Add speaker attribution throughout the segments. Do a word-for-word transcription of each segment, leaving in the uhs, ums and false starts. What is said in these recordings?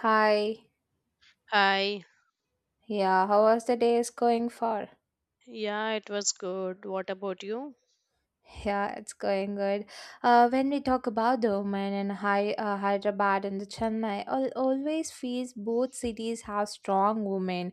Speaker 1: Hi.
Speaker 2: Hi.
Speaker 1: Yeah, how was the day is going for?
Speaker 2: Yeah, it was good. What about you?
Speaker 1: Yeah, it's going good. Uh, when we talk about the Oman and Hy- uh, Hyderabad and the Chennai, al always feels both cities have strong women.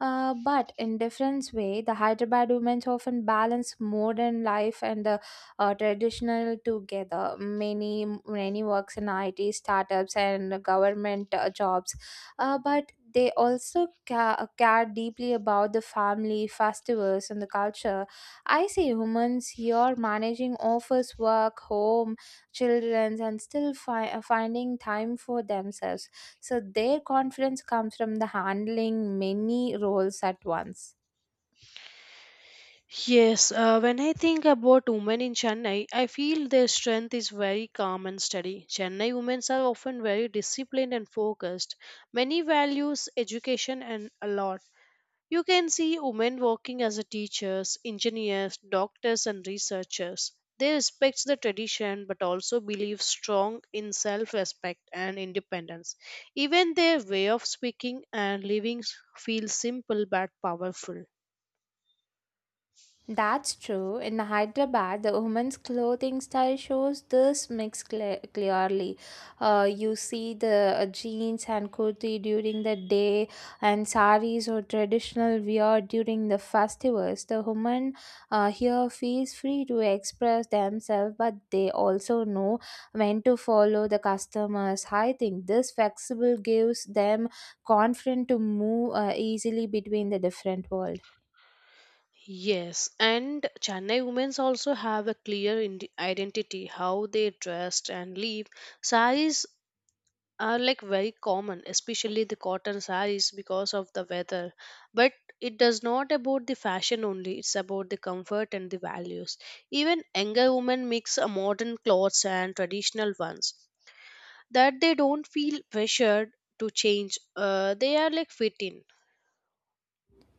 Speaker 1: Uh, but in different way, the Hyderabad women often balance modern life and uh, uh, traditional together. Many many works in I T startups and government uh, jobs, uh, but they also ca- care deeply about the family, festivals, and the culture. I see humans here managing office work, home, children, and still fi- finding time for themselves, so their confidence comes from the handling many roles at once.
Speaker 2: Yes, uh, when I think about women in Chennai, I feel their strength is very calm and steady. Chennai women are often very disciplined and focused. Many values education and a lot. You can see women working as a teachers, engineers, doctors and researchers. They respect the tradition but also believe strong in self-respect and independence. Even their way of speaking and living feels simple but powerful.
Speaker 1: That's true. In Hyderabad, the women's clothing style shows this mix cle- clearly. Uh, you see the uh, jeans and kurti during the day, and saris or traditional wear during the festivals. The women uh, here feels free to express themselves, but they also know when to follow the customers. I think this flexible gives them confidence to move uh, easily between the different worlds.
Speaker 2: Yes, and Chennai women also have a clear ind- identity how they dressed and live. Saris are like very common, especially the cotton saris, because of the weather, but it does not about the fashion only, it's about the comfort and the values. Even younger women mix a modern clothes and traditional ones that they don't feel pressured to change, uh, they are like fit in.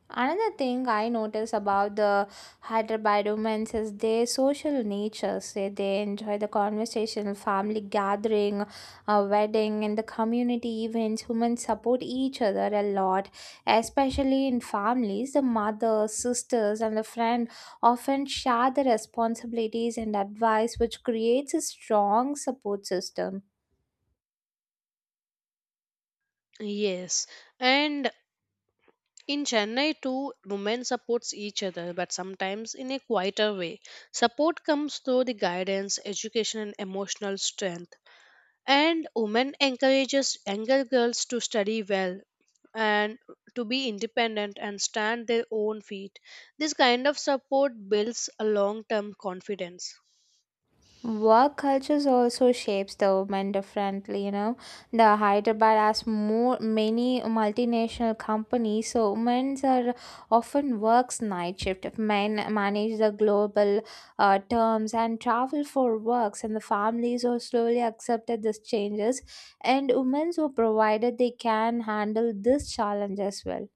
Speaker 1: Another thing I notice about the Hyderabad women is their social nature. Say they enjoy the conversation, family gathering, a wedding, and the community events. Women support each other a lot, especially in families. The mothers, sisters, and the friend often share the responsibilities and advice, which creates a strong support system.
Speaker 2: Yes, and in Chennai too, women supports each other but sometimes in a quieter way. Support comes through the guidance, education and emotional strength, and women encourages younger girls to study well and to be independent and stand their own feet. This kind of support builds a long term confidence.
Speaker 1: Work cultures also shapes the women differently, you know. The Hyderabad has more many multinational companies, so women are often works night shift. Men manage the global uh, terms and travel for works, and the families are slowly accepted these changes, and women were provided they can handle this challenge as well.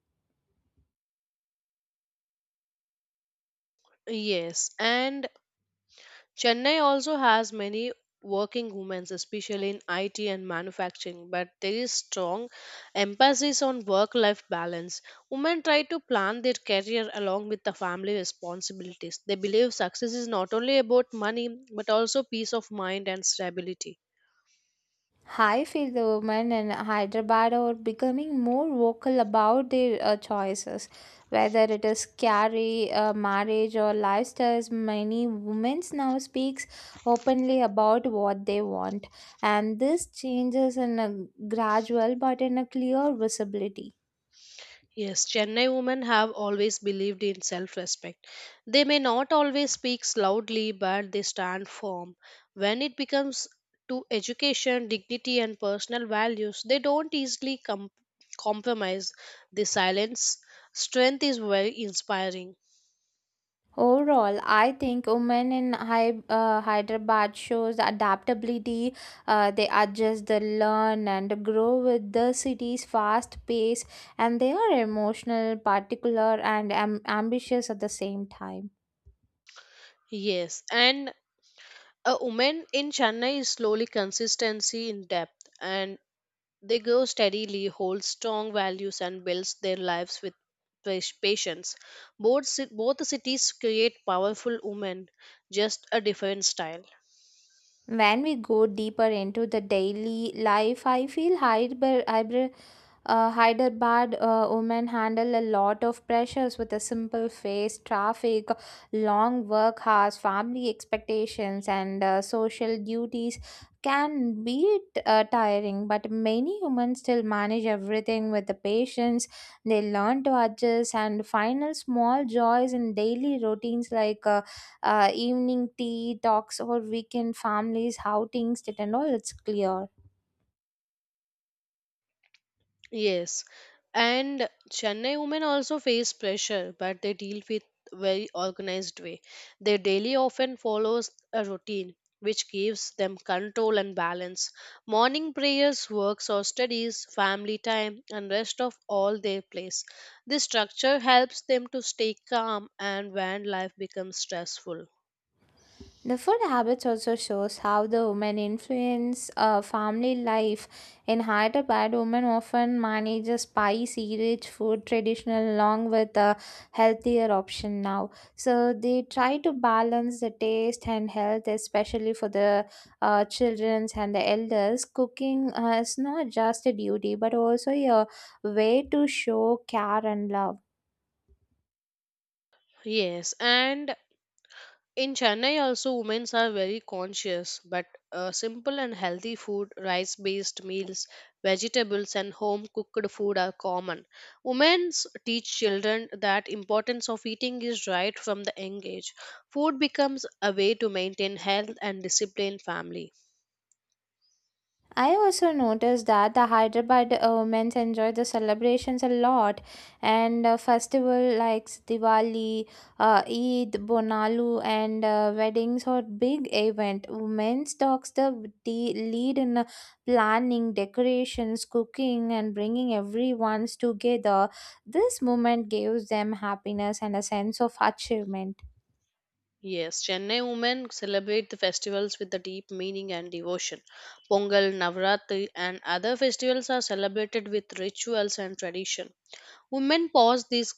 Speaker 2: Yes, and Chennai also has many working women, especially in I T and manufacturing, but there is strong emphasis on work life balance. Women try to plan their career along with the family responsibilities. They believe success is not only about money but also peace of mind and stability.
Speaker 1: I feel the women in Hyderabad are becoming more vocal about their uh, choices, whether it is career, uh, marriage, or lifestyles. Many women now speaks openly about what they want, and this changes in a gradual but in a clear visibility.
Speaker 2: Yes, Chennai women have always believed in self respect. They may not always speak loudly, but they stand firm. When it becomes to education, dignity, and personal values, they don't easily com- compromise. The silence strength is very inspiring.
Speaker 1: Overall, I think women in Hy- uh, Hyderabad shows adaptability. Uh, they adjust, they learn, and grow with the city's fast pace, and they are emotional, particular, and am- ambitious at the same time.
Speaker 2: Yes, and a woman in Chennai is slowly consistency in depth, and they grow steadily, hold strong values, and build their lives with pas- patience. Both, ci- both cities create powerful women, just a different style.
Speaker 1: When we go deeper into the daily life, I feel Hyder, Hyder, uh, Hyderabad uh, women handle a lot of pressures with a simple face, traffic, long work hours, family expectations, and uh, social duties can be uh, tiring. But many women still manage everything with the patience. They learn to adjust and find small joys in daily routines like. Uh, uh, evening tea talks or weekend families outings that and all it's clear
Speaker 2: Yes, and Chennai women also face pressure, but they deal with very organized way. Their daily often follows a routine which gives them control and balance. Morning prayers, works or studies, family time, and rest of all their place. This structure helps them to stay calm and when life becomes stressful.
Speaker 1: the food habits also shows how the women influence uh, family life in Hyderabad. Women often manage a spicy rich food traditional along with a healthier option now, so they try to balance the taste and health, especially for the uh, children's and the elders. Cooking uh, is not just a duty but also a way to show care and love.
Speaker 2: Yes, and in Chennai, also, women are very conscious, but uh, simple and healthy food, rice based meals, vegetables, and home cooked food are common. Women teach children that importance of eating is right from the young age. Food becomes a way to maintain health and discipline family.
Speaker 1: I also noticed that the Hyderabad uh, women enjoy the celebrations a lot, and uh, festival like Diwali, uh, Eid, Bonalu and uh, weddings are big event. Women takes the de- lead in uh, planning, decorations, cooking and bringing everyone's together. This moment gives them happiness and a sense of achievement.
Speaker 2: Yes, Chennai women celebrate the festivals with the deep meaning and devotion. Pongal, Navratri, and other festivals are celebrated with rituals and tradition. Women pause these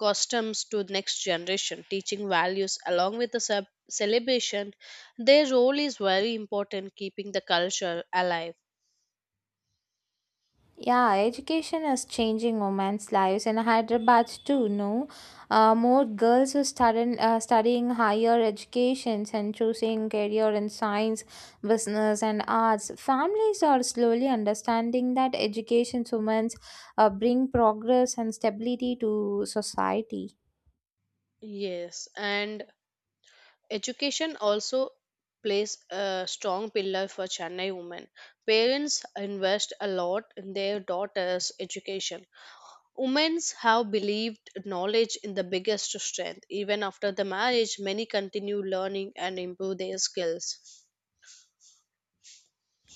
Speaker 2: customs to next generation, teaching values along with the ce- celebration. Their role is very important keeping the culture alive.
Speaker 1: Yeah, education is changing women's lives in Hyderabad too. No, uh, more girls are studying uh, studying higher educations and choosing career in science, business, and arts. Families are slowly understanding that education women's uh, bring progress and stability to society.
Speaker 2: Yes, and education also plays a strong pillar for Chennai women. Parents invest a lot in their daughters education. Women have believed knowledge in the biggest strength. Even after the marriage many continue learning and improve their skills.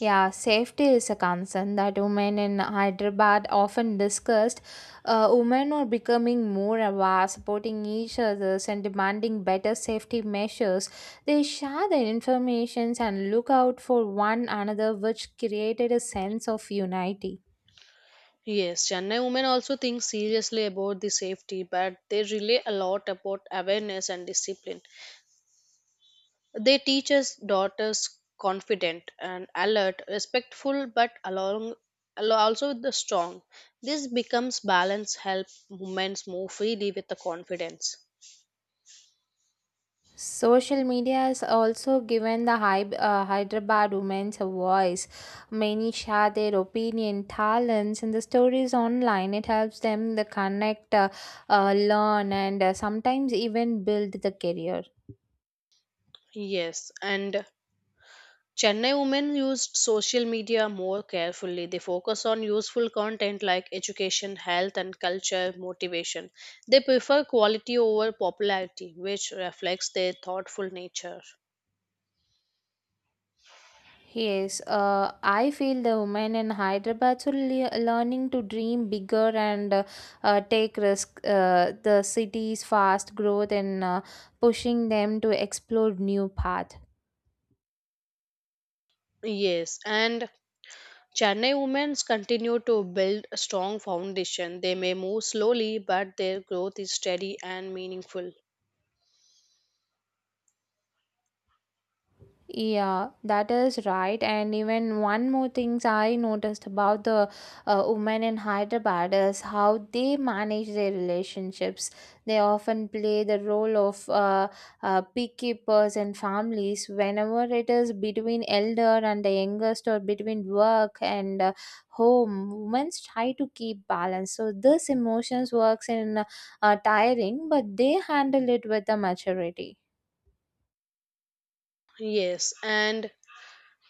Speaker 1: Yeah, safety is a concern that women in Hyderabad often discussed. Uh, women are becoming more aware, supporting each other, and demanding better safety measures. They share their information and look out for one another, which created a sense of unity.
Speaker 2: Yes, Chennai women also think seriously about the safety, but they rely a lot about awareness and discipline. They teach us daughters confident and alert, respectful, but along al- also the strong. This becomes balance, help women move freely with the confidence.
Speaker 1: Social media has also given the Hy- uh, Hyderabad women a voice. Many share their opinion, talents, and the stories online. It helps them to connect, uh, uh, learn, and uh, sometimes even build the career.
Speaker 2: Yes, and Chennai women used social media more carefully. They focus on useful content like education, health, and culture motivation. They prefer quality over popularity, which reflects their thoughtful nature.
Speaker 1: Yes, uh, I feel the women in Hyderabad are le- learning to dream bigger and uh, uh, take risk. Uh, the city's fast growth and uh, pushing them to explore new path.
Speaker 2: Yes, and Chennai women's continue to build a strong foundation. They may move slowly, but their growth is steady and meaningful.
Speaker 1: Yeah, that is right. And even one more things I noticed about the uh, women in Hyderabad is how they manage their relationships. They often play the role of uh, uh, peacekeepers and families whenever it is between elder and the youngest or between work and uh, home. Women try to keep balance. So this emotions works in uh, tiring, but they handle it with the maturity.
Speaker 2: Yes, and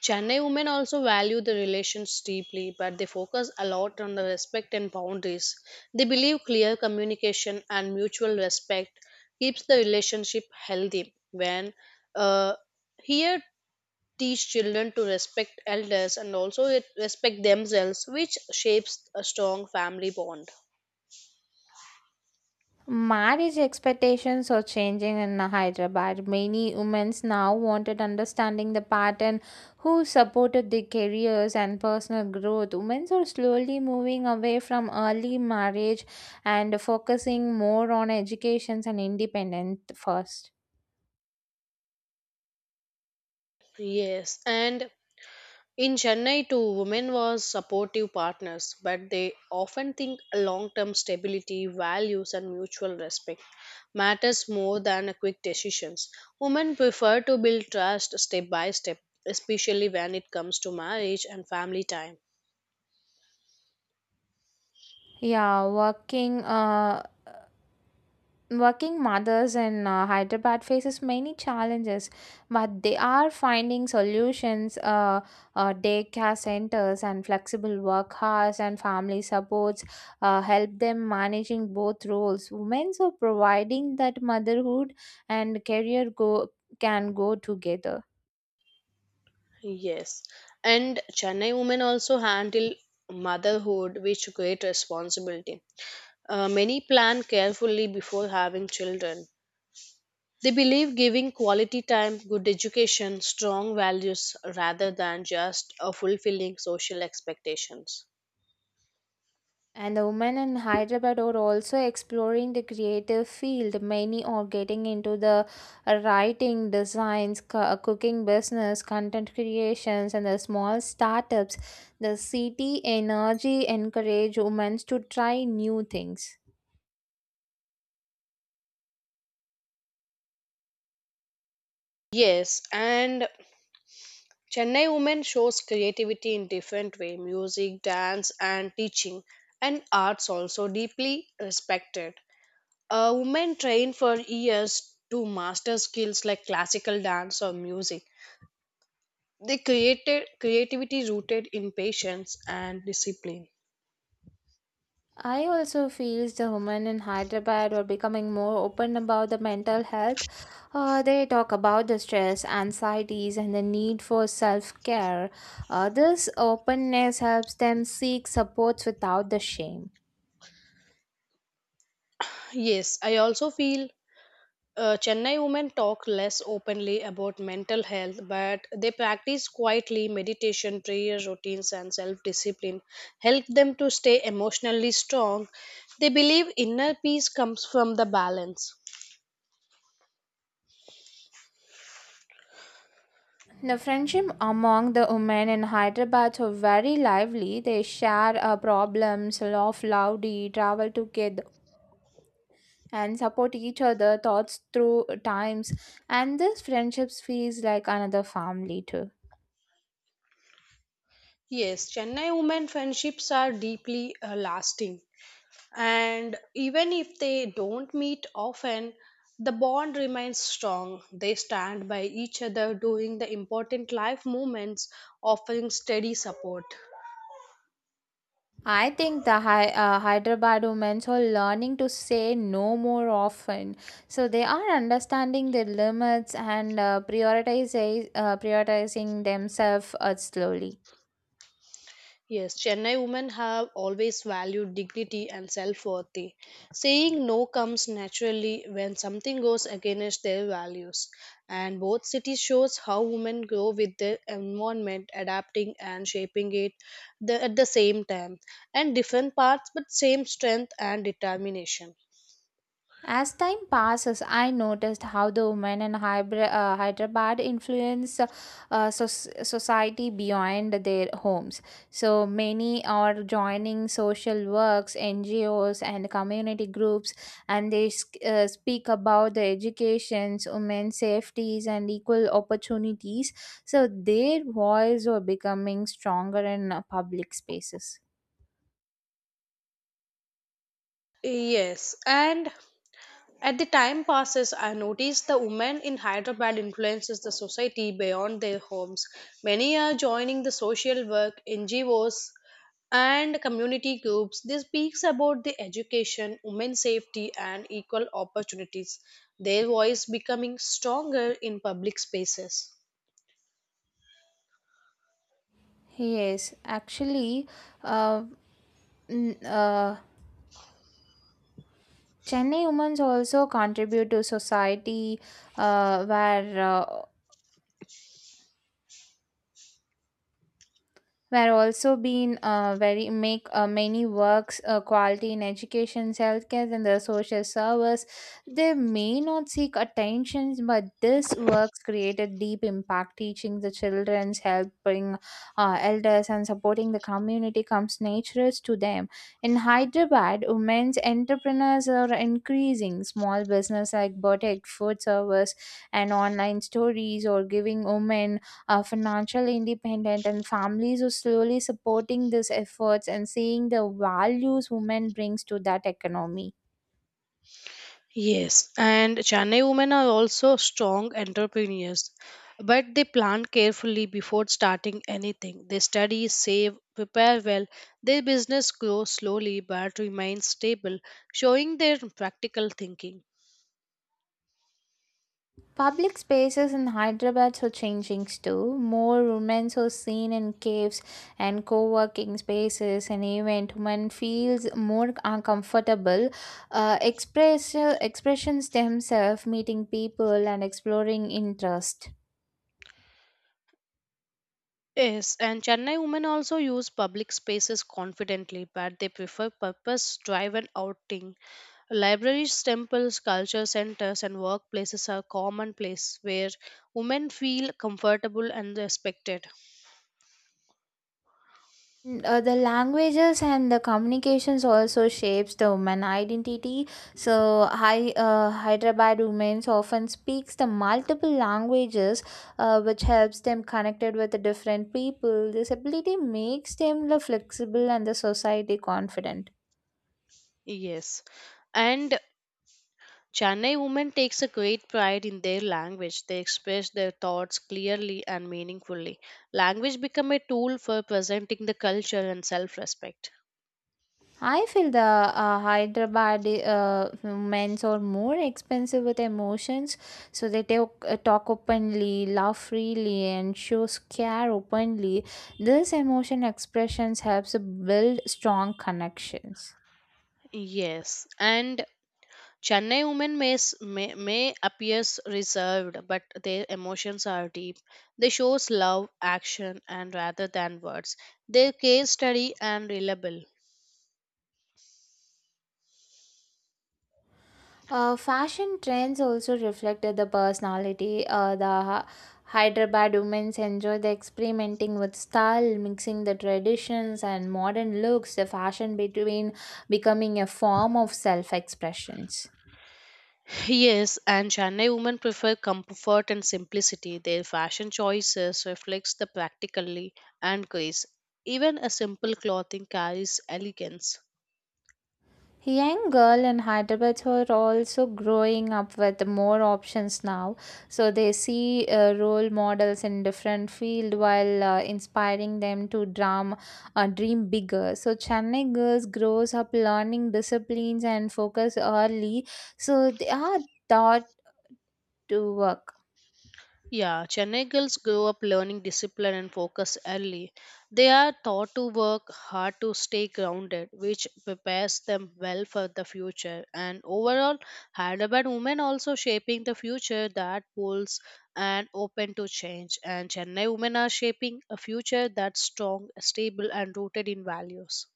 Speaker 2: Chennai women also value the relations deeply, but they focus a lot on the respect and boundaries. They believe clear communication and mutual respect keeps the relationship healthy. When uh, here teach children to respect elders and also it- respect themselves, which shapes a strong family bond.
Speaker 1: Marriage expectations are changing in Hyderabad. Many women now wanted understanding the pattern who supported their careers and personal growth. Women are slowly moving away from early marriage and focusing more on education and independence first.
Speaker 2: Yes, and in Chennai, too, women were supportive partners, but they often think long term stability, values, and mutual respect matters more than a quick decisions. Women prefer to build trust step by step, especially when it comes to marriage and family time.
Speaker 1: Yeah, working uh, Working mothers in uh, Hyderabad faces many challenges, but they are finding solutions. Uh, uh, daycare centers and flexible work hours and family supports uh, help them managing both roles. Women are providing that motherhood and career go can go together.
Speaker 2: Yes, and Chennai women also handle motherhood with great responsibility. Uh, many plan carefully before having children. They believe giving quality time, good education, strong values rather than just uh, fulfilling social expectations.
Speaker 1: And the women in Hyderabad are also exploring the creative field. Many are getting into the writing, designs, co- cooking business, content creations, and the small startups. The city energy encourage women to try new things.
Speaker 2: Yes, and Chennai women shows creativity in different way, music, dance and teaching, and arts also deeply respected. A woman train for years to master skills like classical dance or music. They created creativity rooted in patience and discipline.
Speaker 1: I also feel the women in Hyderabad are becoming more open about the mental health. Uh, they talk about the stress, anxieties, and the need for self care. Uh, this openness helps them seek supports without the shame.
Speaker 2: Yes, I also feel Uh, Chennai women talk less openly about mental health, but they practice quietly meditation, prayer routines, and self discipline, help them to stay emotionally strong. They believe inner peace comes from the balance.
Speaker 1: The friendship among the women in Hyderabad are very lively. They share uh, problems, laugh loudly, travel together, and support each other thoughts through times. And this friendships feels like another family too.
Speaker 2: Yes, Chennai women friendships are deeply uh, lasting, and even if they don't meet often, the bond remains strong. They stand by each other during the important life moments, offering steady support.
Speaker 1: I think the Hy- uh, Hyderabad women are learning to say no more often. So they are understanding their limits and uh, prioritize, uh, prioritizing themselves uh, slowly.
Speaker 2: Yes, Chennai women have always valued dignity and self worth. Saying no comes naturally when something goes against their values. And both cities shows how women grow with their environment, adapting and shaping it the, at the same time. And different parts but same strength and determination.
Speaker 1: As time passes, I noticed how the women in Hybr- uh, Hyderabad influence uh, uh, soc- society beyond their homes. So many are joining social works, N G Os, and community groups, and they sk- uh, speak about the educations, women's safeties, and equal opportunities. So their voice are becoming stronger in uh, public spaces.
Speaker 2: Yes, and as the time passes, I notice the women in Hyderabad influences the society beyond their homes. Many are joining the social work, N G Os, and community groups. This speaks about the education, women's safety, and equal opportunities. Their voice becoming stronger in public spaces.
Speaker 1: Yes, actually. Uh, n- uh, Chennai women also contribute to society uh, where uh, were also been uh, very make uh, many works uh, quality in education, healthcare and the social service. They may not seek attention, but this works created deep impact teaching the children's, helping uh, elders and supporting the community comes natural to them. In Hyderabad, women's entrepreneurs are increasing small business like boutique food service and online stories or giving women uh, financial independent, and families who slowly supporting these efforts and seeing the values women brings to that economy.
Speaker 2: Yes, and Chennai women are also strong entrepreneurs, but they plan carefully before starting anything. They study, save, prepare well. Their business grows slowly but remains stable, showing their practical thinking.
Speaker 1: Public spaces in Hyderabad are changing too. More women are seen in caves and co-working spaces, and even women feels more uncomfortable uh, express, expressions themselves, meeting people and exploring interest.
Speaker 2: Yes, and Chennai women also use public spaces confidently, but they prefer purpose driven outing. Libraries, temples, culture centers, and workplaces are common place where women feel comfortable and respected.
Speaker 1: Mm, uh, the languages and the communications also shapes the woman identity, so Hy- uh, hyderabad women often speaks the multiple languages, uh, which helps them connected with the different people. This ability makes them the flexible and the society confident.
Speaker 2: Yes. And Chennai women takes a great pride in their language. They express their thoughts clearly and meaningfully. Language become a tool for presenting the culture and self-respect.
Speaker 1: I feel the uh, Hyderabad uh, men's are more expensive with emotions, so they talk, uh, talk openly, laugh freely, and show care openly. This emotion expressions helps build strong connections.
Speaker 2: Yes, and Chennai women may, s- may, may appears reserved, but their emotions are deep. They shows love, action, and rather than words. Their case study and reliable.
Speaker 1: Uh, fashion trends also reflected the personality. Uh, the Ha- Hyderabad women enjoy the experimenting with style, mixing the traditions and modern looks. The fashion between becoming a form of self-expressions.
Speaker 2: Yes, and Chennai women prefer comfort and simplicity. Their fashion choices reflects the practically and grace. Even a simple clothing carries elegance.
Speaker 1: Young girl in Hyderabad who are also growing up with more options now, so they see uh, role models in different field while uh, inspiring them to dream, uh, dream bigger. So Chennai girls grows up learning disciplines and focus early, so they are taught to work.
Speaker 2: Yeah, Chennai girls grow up learning discipline and focus early. They are taught to work hard to stay grounded, which prepares them well for the future. And overall, Hyderabad women also shaping the future that pulls and open to change. And Chennai women are shaping a future that's strong, stable, and rooted in values.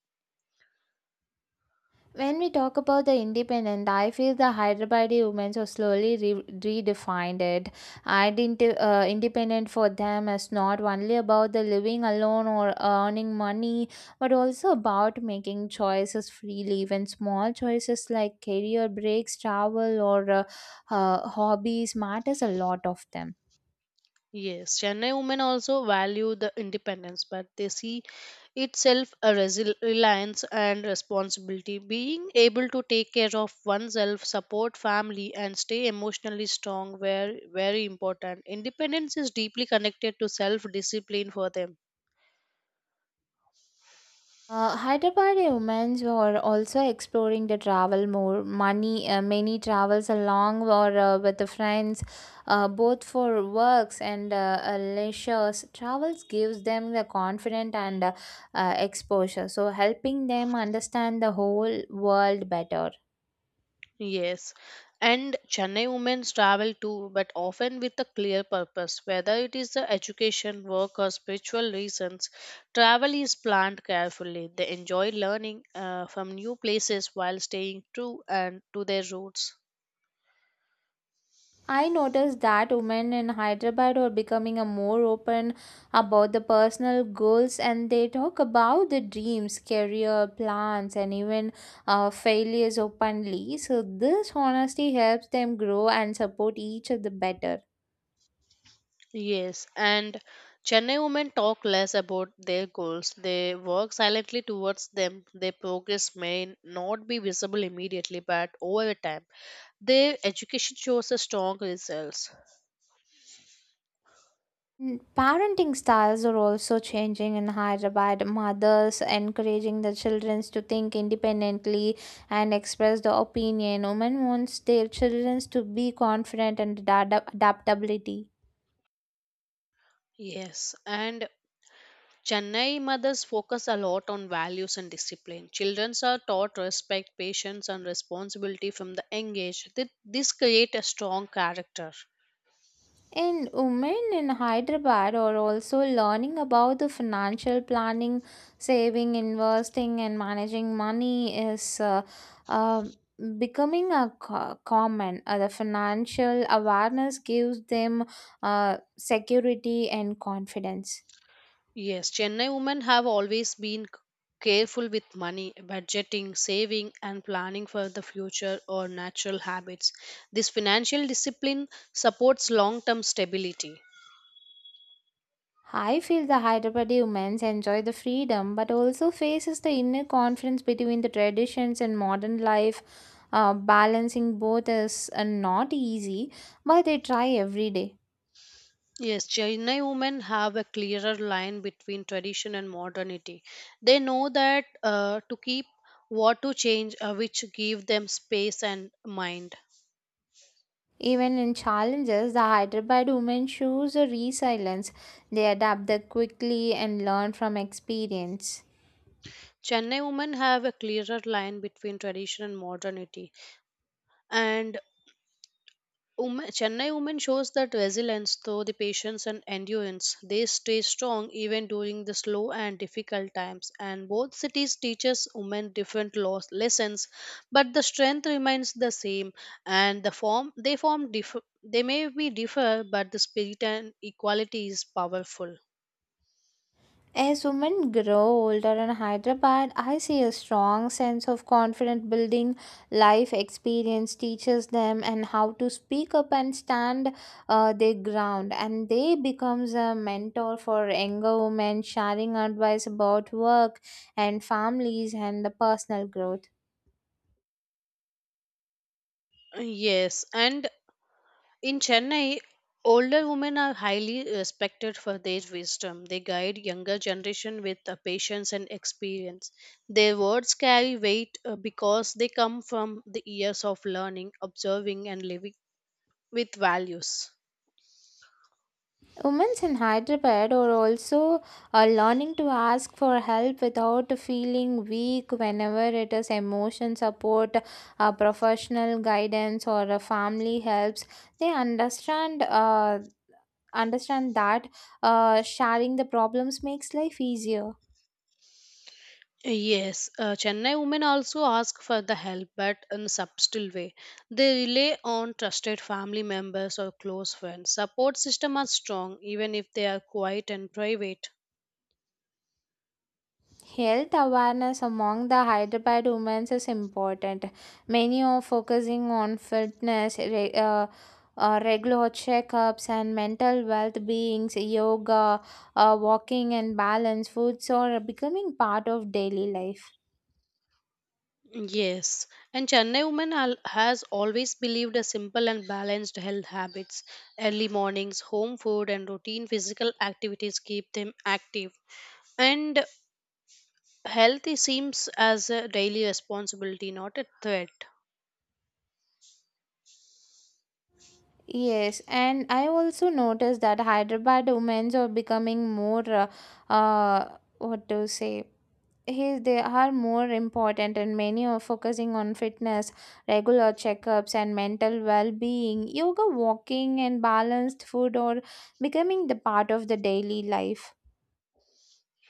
Speaker 1: When we talk about the independent, I feel the Hyderabadi women so slowly re- redefined it. Identi- uh, independent for them is not only about the living alone or earning money, but also about making choices freely. Even small choices like career breaks, travel, or uh, uh, hobbies matters a lot of them.
Speaker 2: Yes, Chennai women also value the independence, but they see itself a resil- reliance and responsibility. Being able to take care of oneself, support family, and stay emotionally strong were very important. Independence is deeply connected to self discipline for them.
Speaker 1: Uh, Hyderabad humans were also exploring the travel more. Money, uh, many travels along or uh, with the friends, uh, both for works and uh, uh, leisures. Travels gives them the confidence and uh, uh, exposure, so helping them understand the whole world better.
Speaker 2: Yes, and Chennai women travel too, but often with a clear purpose. Whether it is the education, work, or spiritual reasons, travel is planned carefully. They enjoy learning uh, from new places while staying true and to their roots.
Speaker 1: I noticed that women in Hyderabad are becoming a more open about the personal goals, and they talk about the dreams, career plans and even uh, failures openly. So this honesty helps them grow and support each other better.
Speaker 2: Yes, and Chennai women talk less about their goals. They work silently towards them. Their progress may not be visible immediately, but over time, their education shows a strong results.
Speaker 1: Mm, Parenting styles are also changing in Hyderabad. Mothers encouraging the children to think independently and express their opinion. Women wants their children to be confident and adap- adaptability.
Speaker 2: Yes, and Chennai mothers focus a lot on values and discipline. Children are taught respect, patience, and responsibility from the young age. Thi- This create a strong character.
Speaker 1: And women in Hyderabad are also learning about the financial planning, saving, investing, and managing money is uh, uh, becoming a co- common. Uh, the financial awareness gives them uh, security and confidence.
Speaker 2: Yes, Chennai women have always been c- careful with money, budgeting, saving, and planning for the future or natural habits. This financial discipline supports long-term stability.
Speaker 1: I feel the Hyderabadi women's enjoy the freedom, but also faces the inner conflict between the traditions and modern life. Uh, balancing both is uh, not easy, but they try every day.
Speaker 2: Yes, Chennai women have a clearer line between tradition and modernity. They know that uh, to keep what to change, uh, which give them space and mind.
Speaker 1: Even in challenges, the Hyderabad women shows a resilience. They adapt the quickly and learn from experience.
Speaker 2: Chennai women have a clearer line between tradition and modernity, and Women, Chennai women shows that resilience through the patience and endurance. They stay strong even during the slow and difficult times. And both cities teaches women different laws, lessons, but the strength remains the same. And the form they form differ. They may be differ, but the spirit and equality is powerful.
Speaker 1: As women grow older in Hyderabad, I see a strong sense of confidence building. Life experience teaches them and how to speak up and stand uh, their ground, and they becomes a mentor for younger women, sharing advice about work and families and the personal growth.
Speaker 2: Yes, and in Chennai, older women are highly respected for their wisdom. They guide younger generation with uh, patience and experience. Their words carry weight uh, because they come from the years of learning, observing, and living with values.
Speaker 1: Women in Hyderabad are also uh, learning to ask for help without feeling weak, whenever it is emotion support, uh, professional guidance, or uh, family helps. They understand uh, understand that uh, sharing the problems makes life easier.
Speaker 2: Yes, uh, Chennai women also ask for the help, but in a subtle way. They rely on trusted family members or close friends. Support system are strong, even if they are quiet and private.
Speaker 1: Health awareness among the Hyderabad women is important. Many are focusing on fitness, re- uh, uh, regular checkups, and mental well beings, yoga, uh, walking, and balance foods are becoming part of daily life.
Speaker 2: Yes, and Chennai women al- has always believed a simple and balanced health habits. Early mornings, home food, and routine physical activities keep them active. And health is- seems as a daily responsibility, not a threat.
Speaker 1: Yes, and I also noticed that Hyderabad women are becoming more, uh, uh, what to say, he they are more important, and many are focusing on fitness, regular checkups and mental well-being, yoga, walking, and balanced food are becoming the part of the daily life.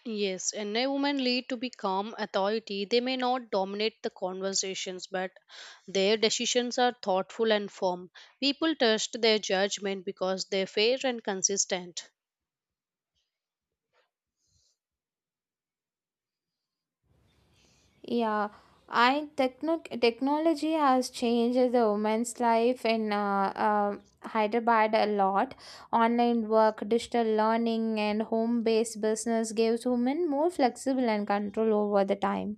Speaker 2: Yes, Chennai women lead to be calm authority. They may not dominate the conversations, but their decisions are thoughtful and firm. People trust their judgment because they're fair and consistent.
Speaker 1: yeah i techno- Technology has changed the women's life in uh, uh, Hyderabad a lot. Online work, digital learning and home-based business gives women more flexible and control over the time.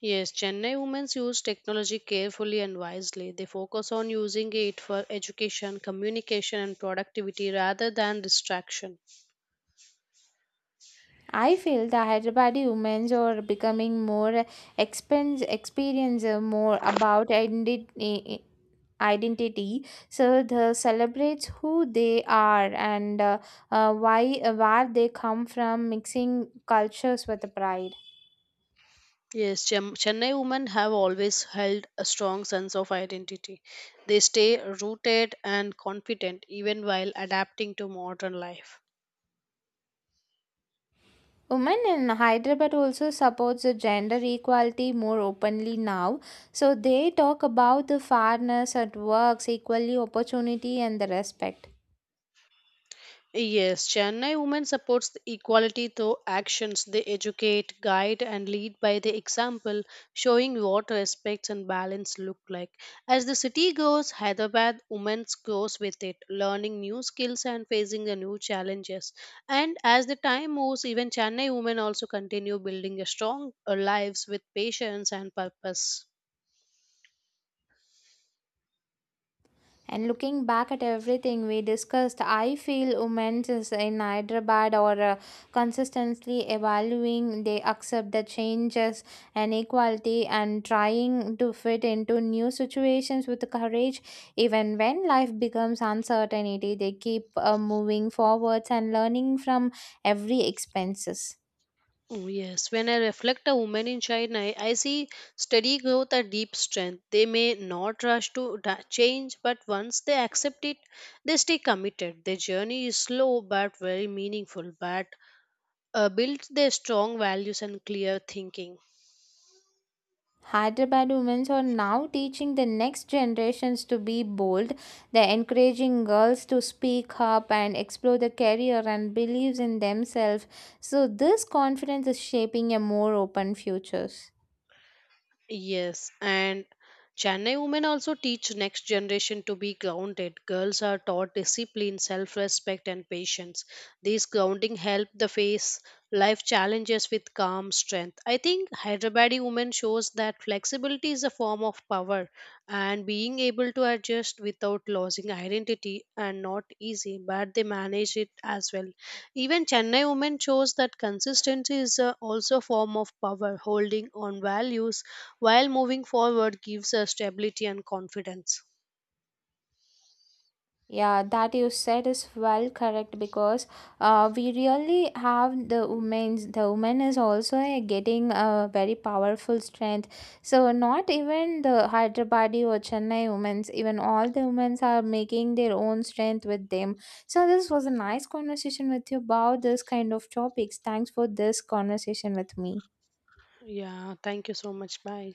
Speaker 2: Yes, Chennai women use technology carefully and wisely. They focus on using it for education, communication, and productivity rather than distraction.
Speaker 1: I feel the Hyderabadi women are becoming more expense experience uh, more about identi- identity. So they celebrates who they are and uh, uh, why uh, where they come from, mixing cultures with pride.
Speaker 2: Yes, Chem- Chennai women have always held a strong sense of identity. They stay rooted and confident even while adapting to modern life.
Speaker 1: Women in Hyderabad also supports the gender equality more openly now. So they talk about the fairness at works, equally opportunity, and the respect.
Speaker 2: Yes, Chennai women supports the equality through actions. They educate, guide, and lead by the example, showing what respect and balance look like. As the city grows, Hyderabad women's grows with it, learning new skills and facing the new challenges. And as the time moves, even Chennai women also continue building a strong uh, lives with patience and purpose.
Speaker 1: And looking back at everything we discussed, I feel women is in Hyderabad are uh, consistently evaluating. They accept the changes and equality and trying to fit into new situations with courage. Even when life becomes uncertainty, they keep uh, moving forwards and learning from every expenses.
Speaker 2: Oh, yes, when I reflect a woman in China, I I see steady growth a deep strength. They may not rush to da- change, but once they accept it, they stay committed. Their journey is slow but very meaningful, but uh, builds their strong values and clear thinking.
Speaker 1: Hyderabad women are now teaching the next generations to be bold. They're encouraging girls to speak up and explore their career and believes in themselves. So this confidence is shaping a more open futures.
Speaker 2: Yes, and Chennai women also teach next generation to be grounded. Girls are taught discipline, self-respect and patience. These grounding help the face life challenges with calm strength. I think Hyderabadi women shows that flexibility is a form of power, and being able to adjust without losing identity and not easy, but they manage it as well. Even Chennai women shows that consistency is a also a form of power, holding on values while moving forward gives us stability and confidence.
Speaker 1: Yeah, that you said is well correct because uh, we really have the women. The woman is also uh, getting a very powerful strength. So not even the Hyderabadi or Chennai women's, even all the women's are making their own strength with them. So this was a nice conversation with you about this kind of topics. Thanks for this conversation with me.
Speaker 2: Yeah, thank you so much. Bye.